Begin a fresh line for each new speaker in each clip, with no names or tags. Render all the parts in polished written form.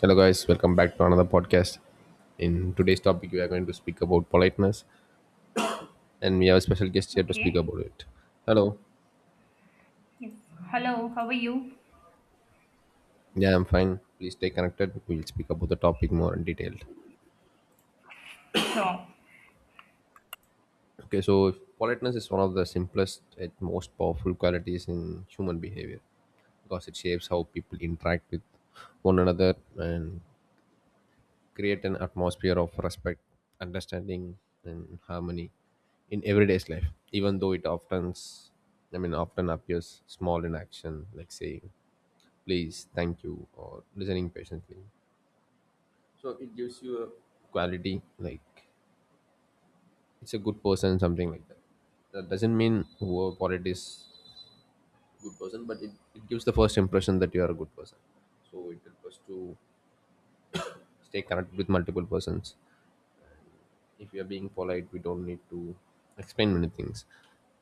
Hello, guys. Welcome back to another podcast. In today's topic, we are going to speak about politeness, and we have a special guest here to speak
Okay.
about it. Hello.
Yes. Hello, how are you?
Yeah, I'm fine. Please stay connected. We'll speak about the topic more in detail.
Sure.
Okay, so politeness is one of the simplest and most powerful qualities in human behavior because it shapes how people interact with one another and create an atmosphere of respect, understanding, and harmony in everyday's life. Even though it often, I mean, often appears small in action, like saying "please," "thank you," or listening patiently. So it gives you a quality, like it's a good person, something like that. That doesn't mean whoever polite is good person, but it gives the first impression that you are a good person. So it helps us to stay connected with multiple persons. If we are being polite, we don't need to explain many things.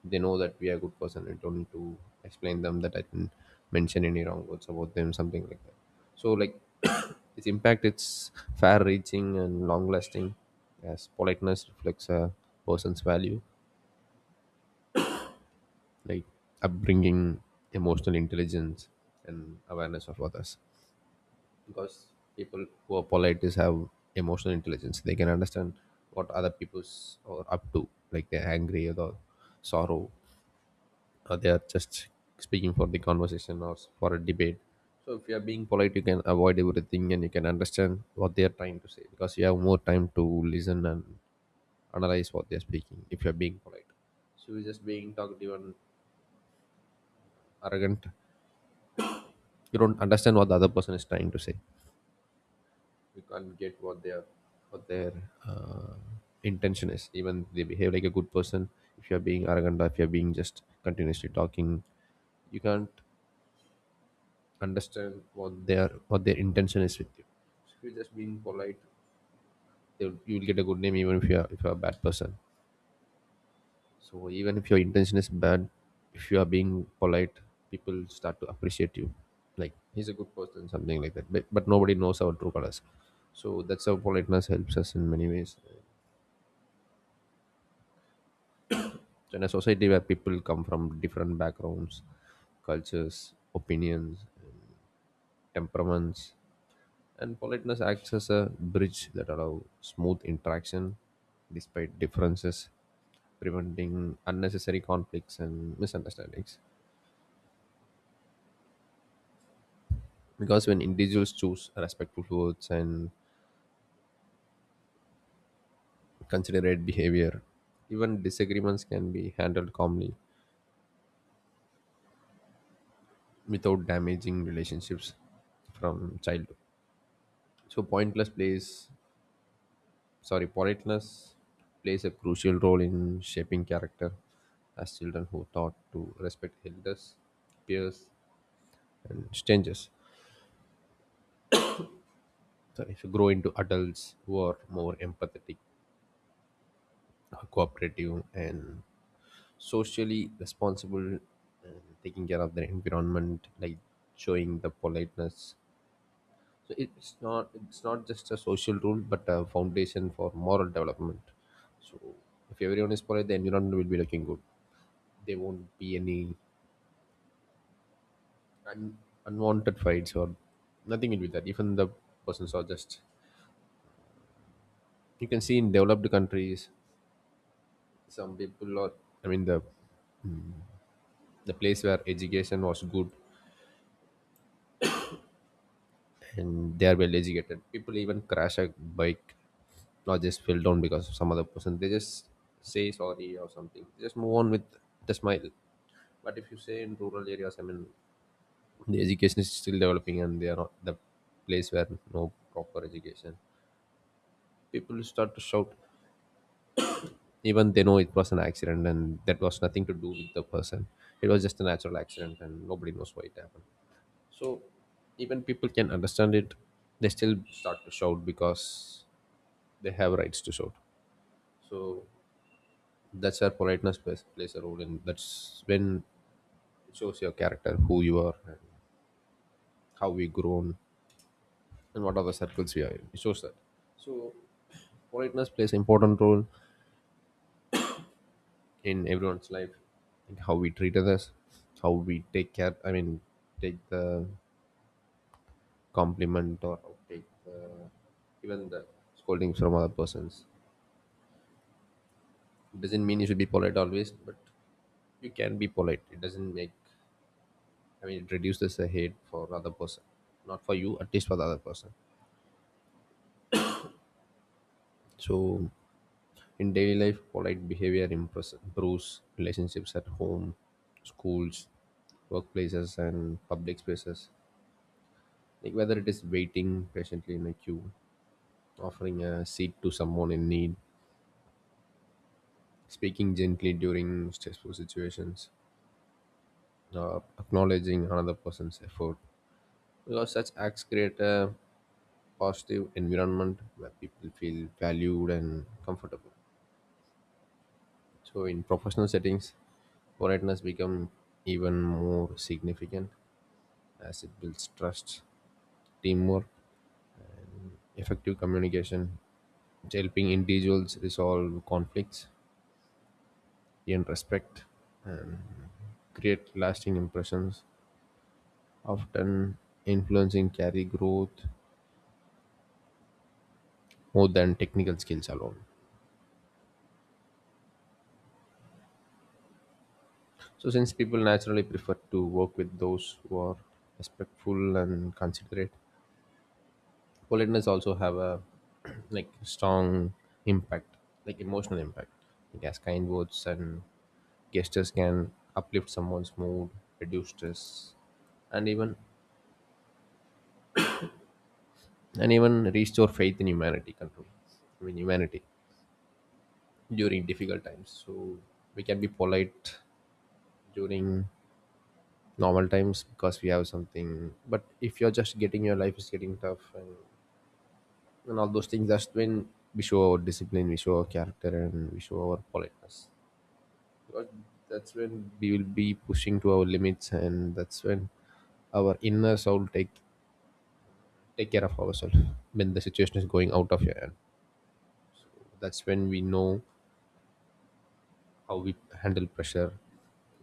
They know that we are good person. I don't need to explain them that I didn't mention any wrong words about them, something like that. So, like, its impact, it's far reaching and long lasting, as politeness reflects a person's value, like upbringing, emotional intelligence, and awareness of others. Because people who are polite is have emotional intelligence, they can understand what other people's are up to, like they're angry or the sorrow, or they are just speaking for the conversation or for a debate. So if you are being polite, you can avoid everything and you can understand what they are trying to say, because you have more time to listen and analyze what they are speaking. If you are being polite, so you're just being talkative and arrogant, you don't understand what the other person is trying to say. You can't get what their what their uh, intention is, even they behave like a good person. If you're being arrogant, or if you're being just continuously talking, you can't understand what their intention is with you. So if you're just being polite, they'll- you will get a good name, even if you're a bad person. So even if your intention is bad, if you are being polite, people start to appreciate you, like he's a good person, something like that, but nobody knows our true colors. So that's how politeness helps us in many ways. So in a society where people come from different backgrounds, cultures, opinions, temperaments, and politeness acts as a bridge that allow smooth interaction despite differences, preventing unnecessary conflicts and misunderstandings. Because when individuals choose respectful words and considerate behavior, even disagreements can be handled calmly without damaging relationships from childhood. So pointless plays, sorry, politeness plays a crucial role in shaping character, as children who taught to respect elders, peers, and strangers. So if you grow into adults who are more empathetic, cooperative, and socially responsible, and taking care of their environment, like showing the politeness. So it's not, it's not just a social rule, but a foundation for moral development. So if everyone is polite, the environment will be looking good. There won't be any un- unwanted fights, or nothing will be that, even the persons are just, you can see in developed countries, some people are, I mean, the place where education was good, and they are well educated people, even crash a bike, not just fell down because of some other person, they just say sorry or something, they just move on with the smile. But if you say in rural areas, I mean, the education is still developing, and they are not the place where no proper education, people start to shout, even they know it was an accident and that was nothing to do with the person. It was just a natural accident and nobody knows why it happened. So even people can understand it, they still start to shout, because they have rights to shout. So that's where politeness plays a role, and that's when it shows your character, who you are and how we grown and what are the circles we are in, it shows that. So politeness plays an important role in everyone's life, like how we treat others, how we take care, I mean, take the compliment, or take the even the scoldings from other persons. It doesn't mean you should be polite always, but you can be polite, it doesn't make, I mean, it reduces the hate for other person, not for you, at least for the other person. So in daily life, polite behavior improves relationships at home, schools, workplaces, and public spaces, like whether it is waiting patiently in a queue, offering a seat to someone in need, speaking gently during stressful situations, acknowledging another person's effort. Because such acts create a positive environment where people feel valued and comfortable. So in professional settings, politeness becomes even more significant, as it builds trust, teamwork, effective communication, helping individuals resolve conflicts in respect, create lasting impressions, often influencing career growth more than technical skills alone. So, since people naturally prefer to work with those who are respectful and considerate, politeness also have a like strong impact, like emotional impact. Like as kind words and gestures can uplift someone's mood, reduce stress, and even and even restore faith in humanity. Control, I mean humanity, during difficult times. So we can be polite during normal times because we have something. But if you're just getting your life is getting tough, and all those things, that's when we show our discipline, we show our character, and we show our politeness. Because that's when we will be pushing to our limits, and that's when our inner soul take care of ourselves when the situation is going out of your hand. That's when we know how we handle pressure,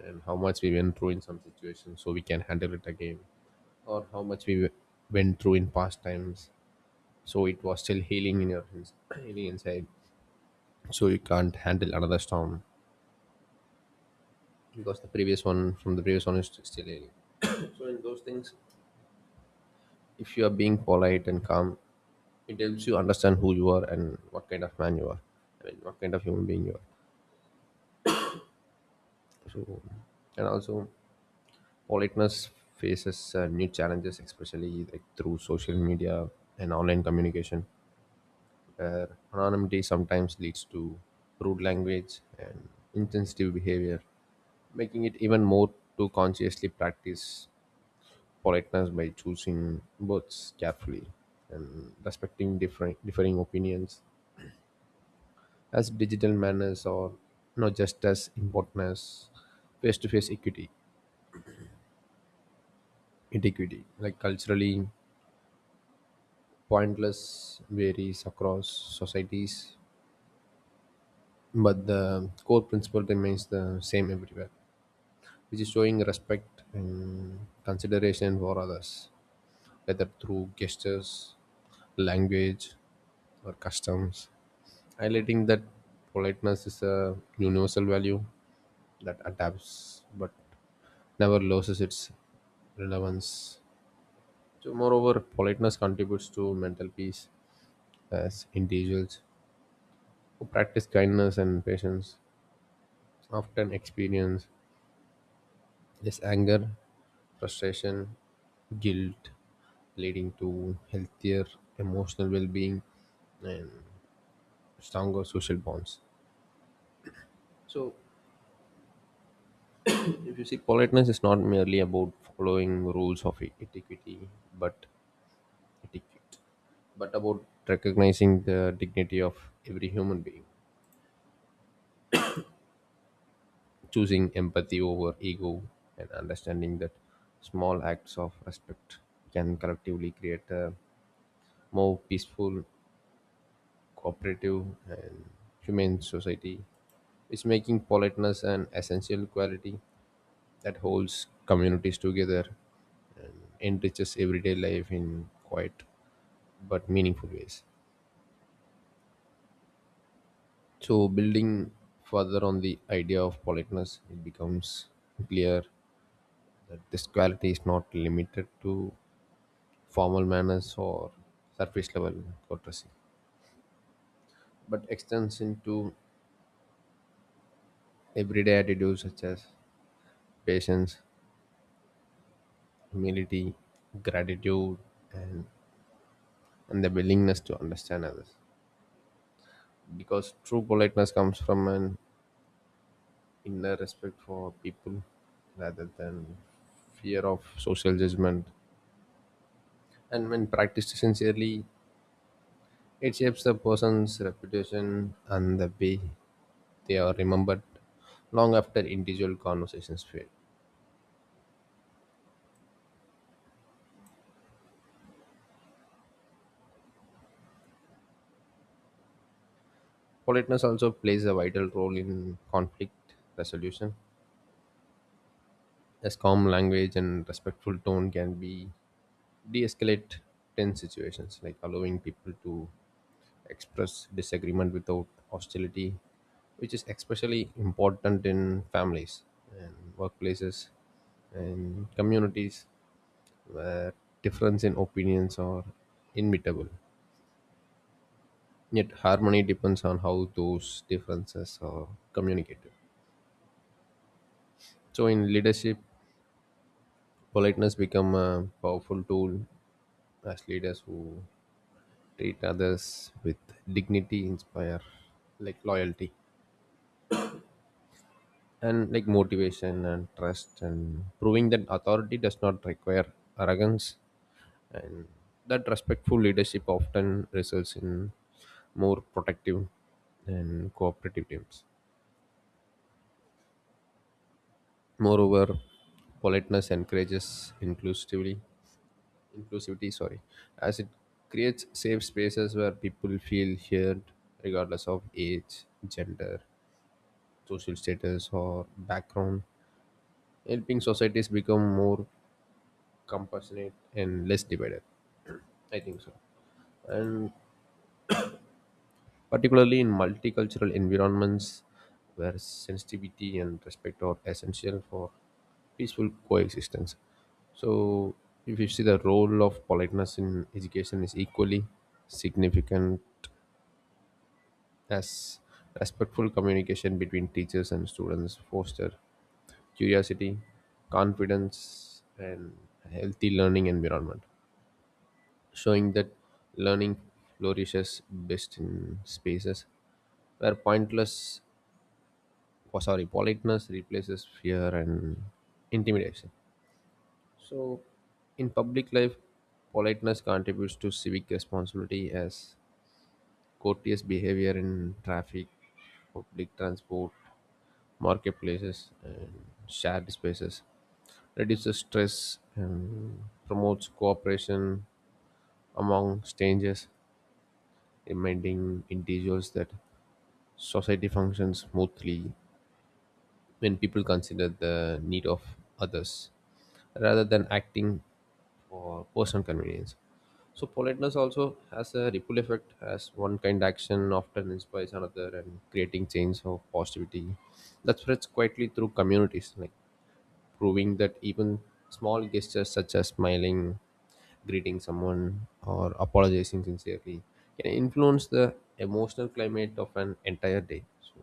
and how much we went through in some situations so we can handle it again, or how much we went through in past times. So it was still healing in your healing inside. So you can't handle another storm because the previous one, from the previous one, is still healing. So in those things, if you are being polite and calm, it helps you understand who you are and what kind of man you are, I mean, what kind of human being you are. So, and also, politeness faces new challenges, especially like through social media and online communication, where anonymity sometimes leads to rude language and insensitive behavior, making it even more to consciously practice politeness by choosing words carefully and respecting different differing opinions, as digital manners are not just as important as face-to-face equity, etiquette. Like culturally, pointless varies across societies, but the core principle remains the same everywhere, which is showing respect and consideration for others, whether through gestures, language, or customs. Highlighting that politeness is a universal value that adapts but never loses its relevance. So, moreover, politeness contributes to mental peace, as individuals who practice kindness and patience often experience less anger, frustration, guilt, leading to healthier emotional well being and stronger social bonds. So, if you see, politeness is not merely about following rules of but etiquette, but about recognizing the dignity of every human being, choosing empathy over ego and understanding that small acts of respect can collectively create a more peaceful, cooperative, and humane society. It's making politeness an essential quality that holds communities together and enriches everyday life in quiet but meaningful ways. So, building further on the idea of politeness, it becomes clear that this quality is not limited to formal manners or surface level courtesy, but extends into everyday attitudes such as patience, humility, gratitude, and, and the willingness to understand others. Because true politeness comes from an inner respect for people rather than fear of social judgment. And when practiced sincerely, it shapes the person's reputation and the way they are remembered long after individual conversations fade. Politeness also plays a vital role in conflict resolution, as calm language and respectful tone can be de-escalate tense situations, like allowing people to express disagreement without hostility, which is especially important in families and workplaces and communities where difference in opinions are inevitable. Yet harmony depends on how those differences are communicated. So in leadership, politeness become a powerful tool, as leaders who treat others with dignity, inspire like loyalty and like motivation and trust, and proving that authority does not require arrogance, and that respectful leadership often results in more protective and cooperative teams. Moreover, politeness encourages inclusivity, sorry, as it creates safe spaces where people feel heard regardless of age, gender, social status, or background, helping societies become more compassionate and less divided, I think so. And particularly in multicultural environments where sensitivity and respect are essential for peaceful coexistence. So, if you see, the role of politeness in education is equally significant, as respectful communication between teachers and students foster curiosity, confidence, and healthy learning environment, showing that learning flourishes best in spaces where pointless, oh, sorry, politeness replaces fear and intimidation. So, in public life, politeness contributes to civic responsibility, as courteous behavior in traffic, public transport, marketplaces, and shared spaces reduces stress and promotes cooperation among strangers, reminding individuals that society functions smoothly when people consider the need of others rather than acting for personal convenience. So, politeness also has a ripple effect, as one kind action often inspires another and creating change of positivity that spreads quietly through communities, like proving that even small gestures such as smiling, greeting someone, or apologizing sincerely can influence the emotional climate of an entire day. So,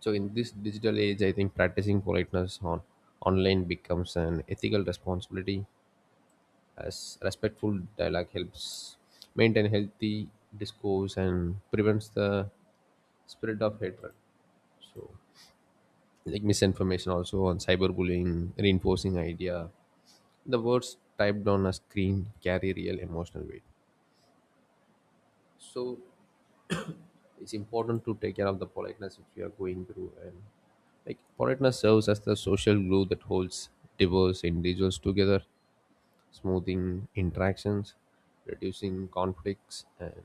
so in this digital age, I think practicing politeness on online becomes an ethical responsibility, as respectful dialogue helps maintain healthy discourse and prevents the spread of hatred. So, like misinformation also on cyberbullying, reinforcing idea. The words typed on a screen carry real emotional weight. So it's important to take care of the politeness which we are going through, and like politeness serves as the social glue that holds diverse individuals together, smoothing interactions, reducing conflicts, and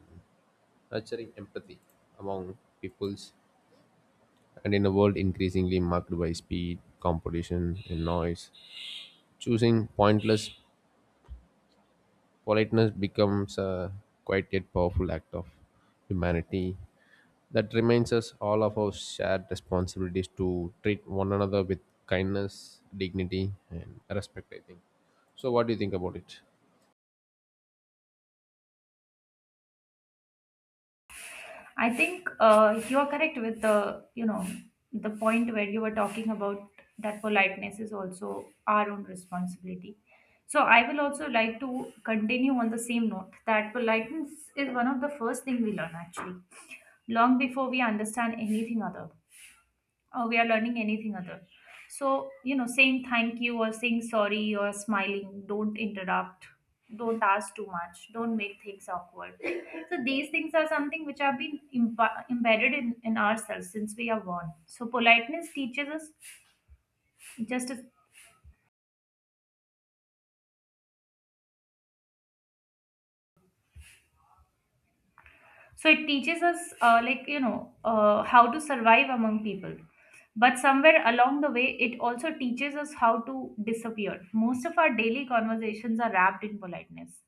nurturing empathy among peoples. And in a world increasingly marked by speed, competition, and noise, choosing pointless, politeness becomes a quite yet powerful act of humanity that reminds us all of our shared responsibilities to treat one another with kindness, dignity, and respect, I think. So, what do you think about it?
I think you are correct with the the point where you were talking about that politeness is also our own responsibility. So I will also like to continue on the same note that politeness is one of the first thing we learn actually, long before we understand anything other. We are learning anything other, so you know, saying thank you or saying sorry or smiling, don't interrupt, don't ask too much, don't make things awkward. So these things are something which have been embedded in ourselves since we are born. So politeness teaches us just as, so it teaches us like how to survive among people, but somewhere along the way it also teaches us how to disappear. Most of our daily conversations are wrapped in politeness.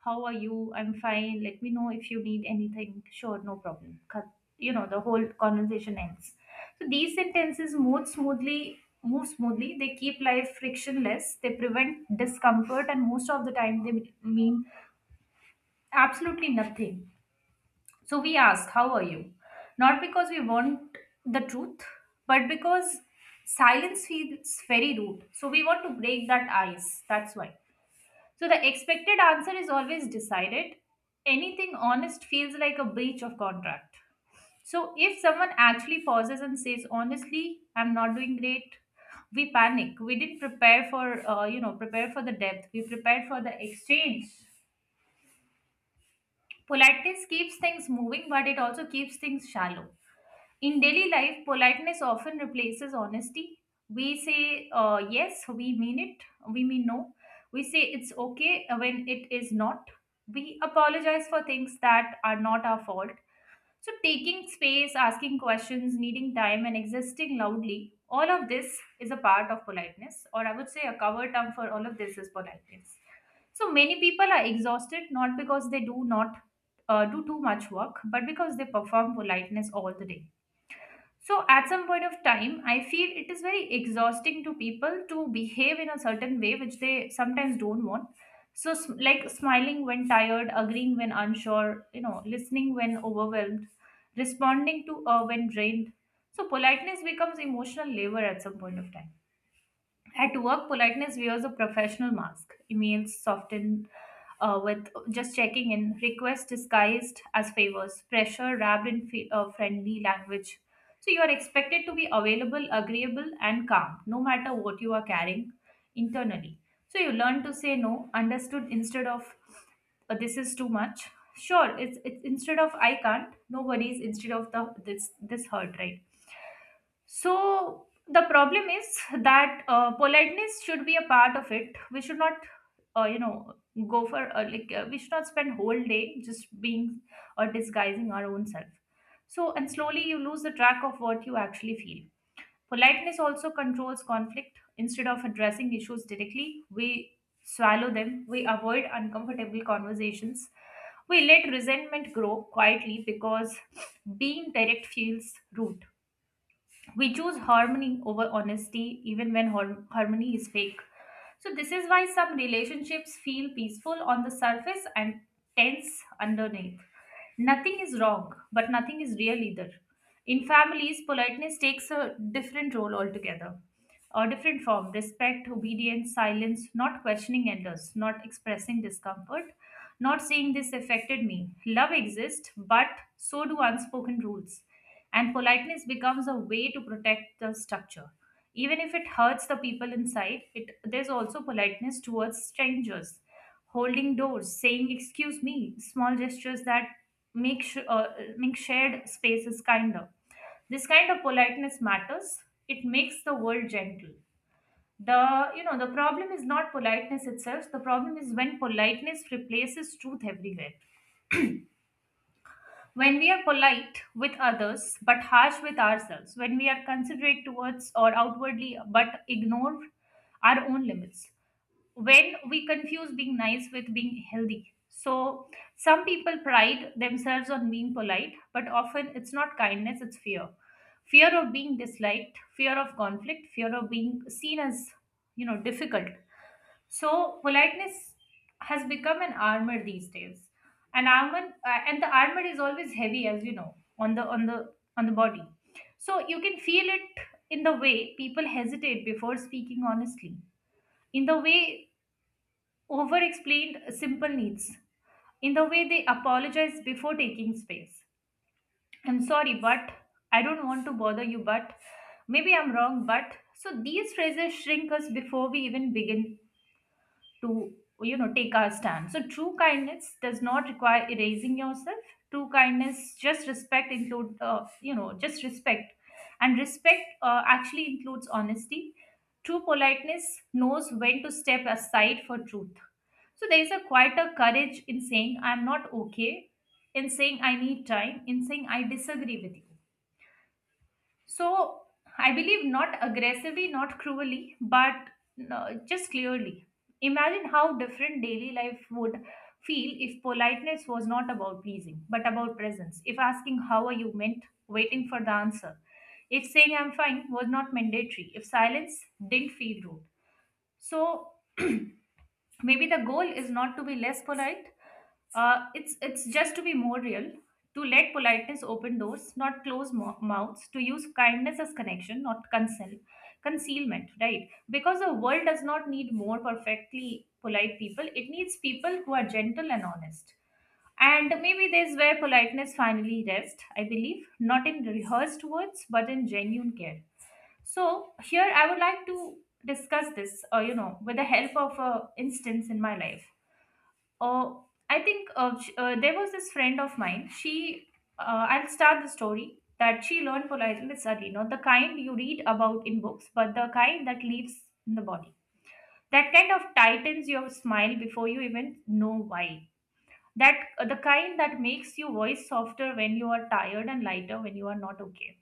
How are you? I'm fine. Let me know if you need anything. Sure, no problem. You know, the whole conversation ends. So these sentences move smoothly, they keep life frictionless, they prevent discomfort, and most of the time they mean absolutely nothing. So we ask, how are you? Not because we want the truth, but because silence feels very rude. So we want to break that ice. That's why. So the expected answer is always decided. Anything honest feels like a breach of contract. So if someone actually pauses and says, honestly, I'm not doing great, we panic. We didn't prepare for, prepare for the depth. We prepared for the exchange. Politeness keeps things moving, but it also keeps things shallow. In daily life, politeness often replaces honesty. We say yes, we mean it, we mean no. We say it's okay when it is not. We apologize for things that are not our fault. So taking space, asking questions, needing time, and existing loudly, all of this is a part of politeness, or I would say a cover term for all of this is politeness. So many people are exhausted not because they do not do too much work, but because they perform politeness all the day. So at some point of time, I feel it is very exhausting to people to behave in a certain way which they sometimes don't want. So, like smiling when tired, agreeing when unsure, you know, listening when overwhelmed, responding to when drained. So politeness becomes emotional labor at some point of time. At work, politeness wears a professional mask. Emails softened with just checking in, requests disguised as favors, pressure wrapped in friendly language. So you are expected to be available, agreeable, and calm, no matter what you are carrying internally. So you learn to say no, understood instead of this is too much. Sure, it's instead of I can't, no worries instead of the this hurt, right? So the problem is that politeness should be a part of it. We should not, uh, you know, go for we should not spend whole day just being or disguising our own self. So and slowly you lose the track of what you actually feel. Politeness also controls conflict. Instead of addressing issues directly, we swallow them. We avoid uncomfortable conversations. We let resentment grow quietly because being direct feels rude. We choose harmony over honesty even when harmony is fake. So this is why some relationships feel peaceful on the surface and tense underneath. Nothing is wrong, but nothing is real either. In families, politeness takes a different role altogether, a different form: respect, obedience, silence, not questioning elders, not expressing discomfort, not saying this affected me. Love exists, but so do unspoken rules, and politeness becomes a way to protect the structure. Even if it hurts the people inside, it, there's also politeness towards strangers, holding doors, saying "excuse me," small gestures that make sh- uh, make shared spaces kinder. This kind of politeness matters. It makes the world gentle. The you know the problem is not politeness itself, the problem is when politeness replaces truth everywhere, when we are polite with others but harsh with ourselves, when we are considerate towards or outwardly but ignore our own limits, when we confuse being nice with being healthy. So some people pride themselves on being polite, but often it's not kindness, it's fear. Fear of being disliked, fear of conflict, fear of being seen as, you know, difficult. So politeness has become an armor these days. An armor, and the armor is always heavy, as you know, on the body. So you can feel it in the way people hesitate before speaking honestly, in the way over-explained simple needs, in the way they apologize before taking space. I'm sorry, but I don't want to bother you, but maybe I'm wrong, but so these phrases shrink us before we even begin to, you know, take our stand. So true kindness does not require erasing yourself. True kindness just respect include, just respect, and respect actually includes honesty. True politeness knows when to step aside for truth. So there is a quite a courage in saying I'm not okay, in saying I need time, in saying I disagree with you. So I believe, not aggressively, not cruelly, but no, just clearly. Imagine how different daily life would feel if politeness was not about pleasing, but about presence. If asking, how are you meant, waiting for the answer. If saying, I'm fine, was not mandatory. If silence didn't feel rude. So maybe the goal is not to be less polite, it's just to be more real, to let politeness open doors, not close mouths, to use kindness as connection, not consel concealment, right? Because the world does not need more perfectly polite people, it needs people who are gentle and honest. And maybe this is where politeness finally rests, I believe, not in rehearsed words but in genuine care. So here I would like to discuss this, with the help of a instance in my life. Uh, I think there was this friend of mine. She, I'll start the story that she learned politeness early, not the kind you read about in books, but the kind that lives in the body. That kind of tightens your smile before you even know why. That The kind that makes your voice softer when you are tired and lighter when you are not okay.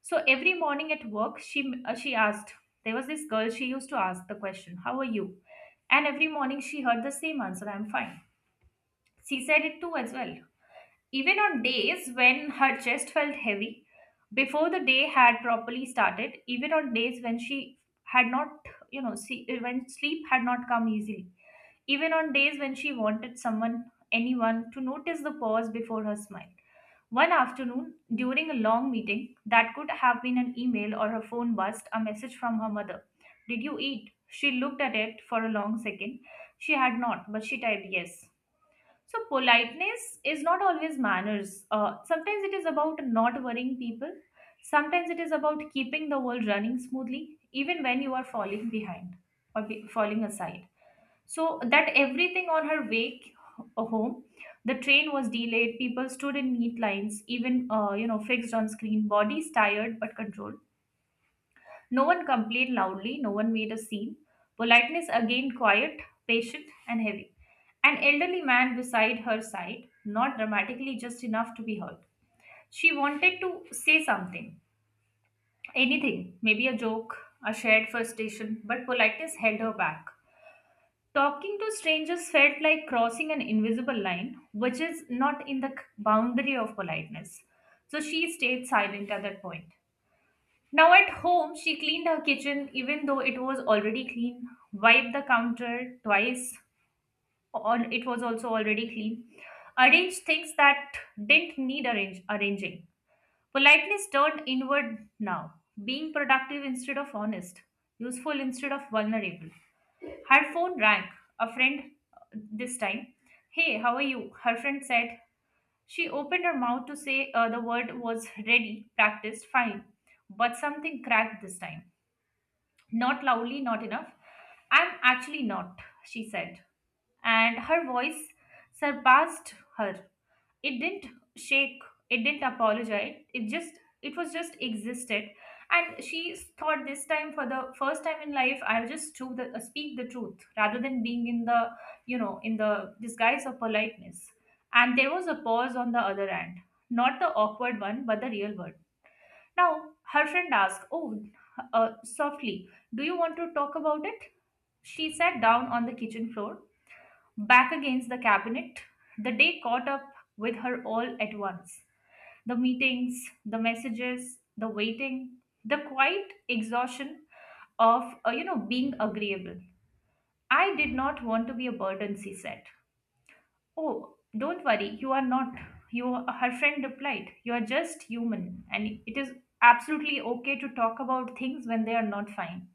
So every morning at work, she asked. There was this girl. She used to ask the question, "How are you?" And every morning she heard the same answer, "I'm fine." She said it too as well. Even on days when her chest felt heavy, before the day had properly started, even on days when she had not, you know, see, when sleep had not come easily, even on days when she wanted someone, anyone, to notice the pause before her smile. One afternoon, during a long meeting, that could have been an email or her phone buzzed, a message from her mother. Did you eat? She looked at it for a long second. She had not, but she typed yes. So politeness is not always manners. Sometimes it is about not worrying people. Sometimes it is about keeping the world running smoothly, even when you are falling behind or falling aside. So that everything on her way home, the train was delayed. People stood in neat lines, even fixed on screen. Bodies tired but controlled. No one complained loudly. No one made a scene. Politeness again quiet, patient, and heavy. An elderly man beside her side, not dramatically, just enough to be heard. She wanted to say something, anything, maybe a joke, a shared frustration, but politeness held her back. Talking to strangers felt like crossing an invisible line, which is not in the boundary of politeness. So she stayed silent at that point. Now at home, she cleaned her kitchen even though it was already clean, wiped the counter twice, all it was also already clean, arranged things that didn't need arranging. Politeness turned inward now, being productive instead of honest, useful instead of vulnerable. Her phone rang, a friend this time. Hey, how are you? Her friend said. She opened her mouth to say the word was ready, practiced, fine. But something cracked this time. Not loudly, not enough. I'm actually not, she said. And her voice surpassed her, it didn't shake, it didn't apologize, it just, it was just existed. And she thought this time, for the first time in life, I'll just to the, speak the truth rather than being in the, in the disguise of politeness. And there was a pause on the other end, not the awkward one but the real one. Now her friend asked, oh, softly, do you want to talk about it? She sat down on the kitchen floor, back against the cabinet, the day caught up with her all at once. The meetings, the messages, the waiting, the quiet exhaustion of, being agreeable. I did not want to be a burden, she said. Oh, don't worry, you are not. You, her friend replied, you are just human, and it is absolutely okay to talk about things when they are not fine.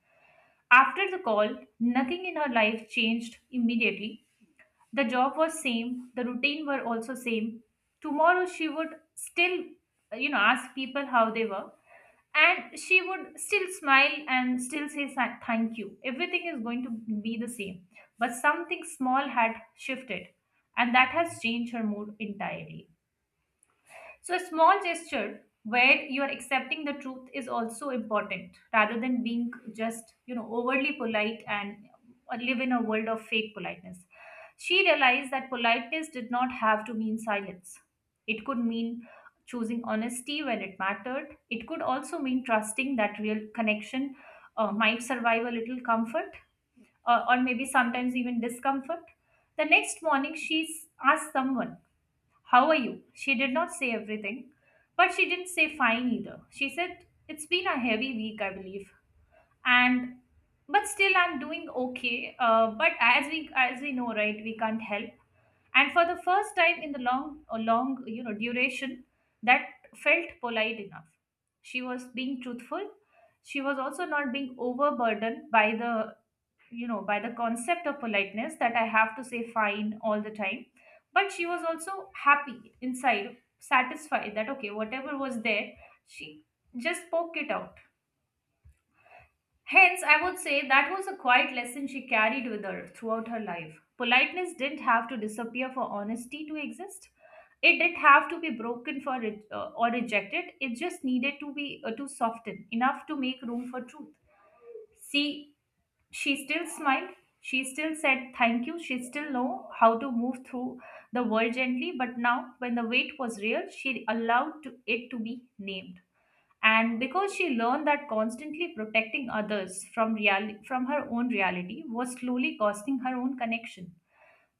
After the call, nothing in her life changed immediately. The job was same, the routine were also same. Tomorrow she would still, ask people how they were, and she would still smile and still say thank you, everything is going to be the same. But something small had shifted, and that has changed her mood entirely. So, a small gesture where you're accepting the truth is also important rather than being just, overly polite and live in a world of fake politeness. She realized that politeness did not have to mean silence, it could mean choosing honesty when it mattered. It could also mean trusting that real connection might survive a little comfort, or maybe sometimes even discomfort. The next morning, she asked someone, how are you? She did not say everything, but she didn't say fine either. She said, it's been a heavy week, I believe. And but still I'm doing okay. But as we know, right, we can't help. And for the first time in the long, a long, duration, that felt polite enough. She was being truthful. She was also not being overburdened by the, by the concept of politeness, that I have to say fine all the time. But she was also happy inside, satisfied that okay, whatever was there, she just spoke it out. Hence I would say that was a quiet lesson she carried with her throughout her life. Politeness didn't have to disappear for honesty to exist, it didn't have to be broken for it, or rejected. It just needed to be to soften enough to make room for truth. See, she still smiled. She still said thank you. She still knew how to move through the world gently. But now, when the weight was real, she allowed to, it to be named. And because she learned that constantly protecting others from from her own reality was slowly costing her own connection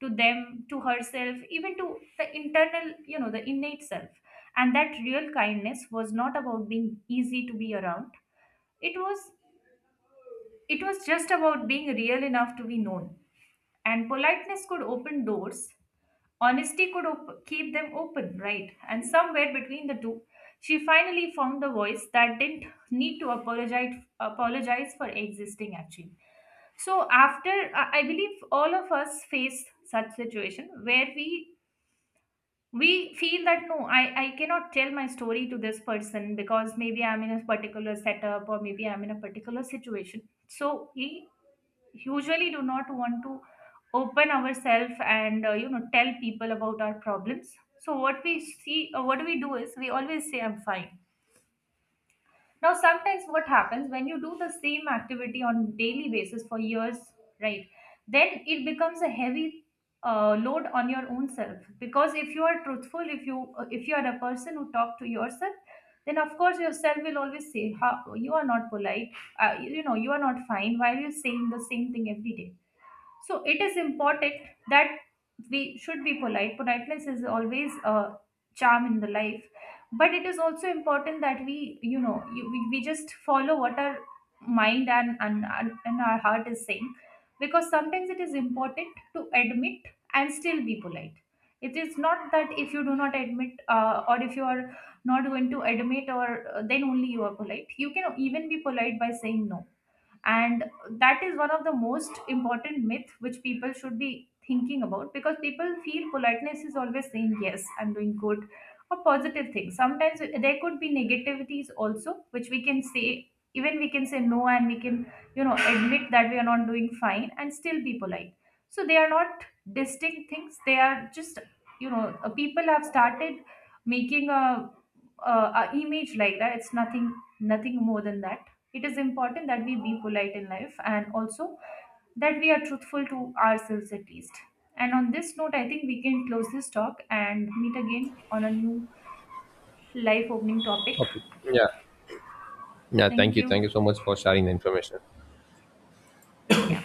to them, to herself, even to the internal, the innate self. And that real kindness was not about being easy to be around. It was, it was just about being real enough to be known. And politeness could open doors, honesty could keep them open, right? And somewhere between the two, she finally found the voice that didn't need to apologize, apologize for existing actually. So after, I believe all of us face such situation where we feel that no, I cannot tell my story to this person, because maybe I'm in a particular setup or maybe I'm in a particular situation. So we usually do not want to open ourselves and you know, tell people about our problems. So what we see, what we do is we always say I'm fine. Now, sometimes what happens when you do the same activity on daily basis for years, right? Then it becomes a heavy load on your own self. Because if you are truthful, if you are a person who talk to yourself, then of course yourself will always say, "How you are not polite, you know, you are not fine. Why are you saying the same thing every day?" So it is important that we should be polite. Politeness is always a charm in the life, but it is also important that we, we just follow what our mind and our heart is saying, because sometimes it is important to admit and still be polite. It is not that if you do not admit or if you are not going to admit or then only you are polite. You can even be polite by saying no. And that is one of the most important myth which people should be thinking about, because people feel politeness is always saying yes I'm doing good or positive things. Sometimes there could be negativities also which we can say, even we can say no, and we can, you know, admit that we are not doing fine and still be polite. So they are not distinct things, they are just, people have started making a image like that. It's nothing, nothing more than that. It is important that we be polite in life and also that we are truthful to ourselves at least. And on this note, I think we can close this talk and meet again on a new life opening topic.
Okay. Yeah. Yeah, thank
Thank
you. Thank
you.
you so much for sharing the information.
Yeah.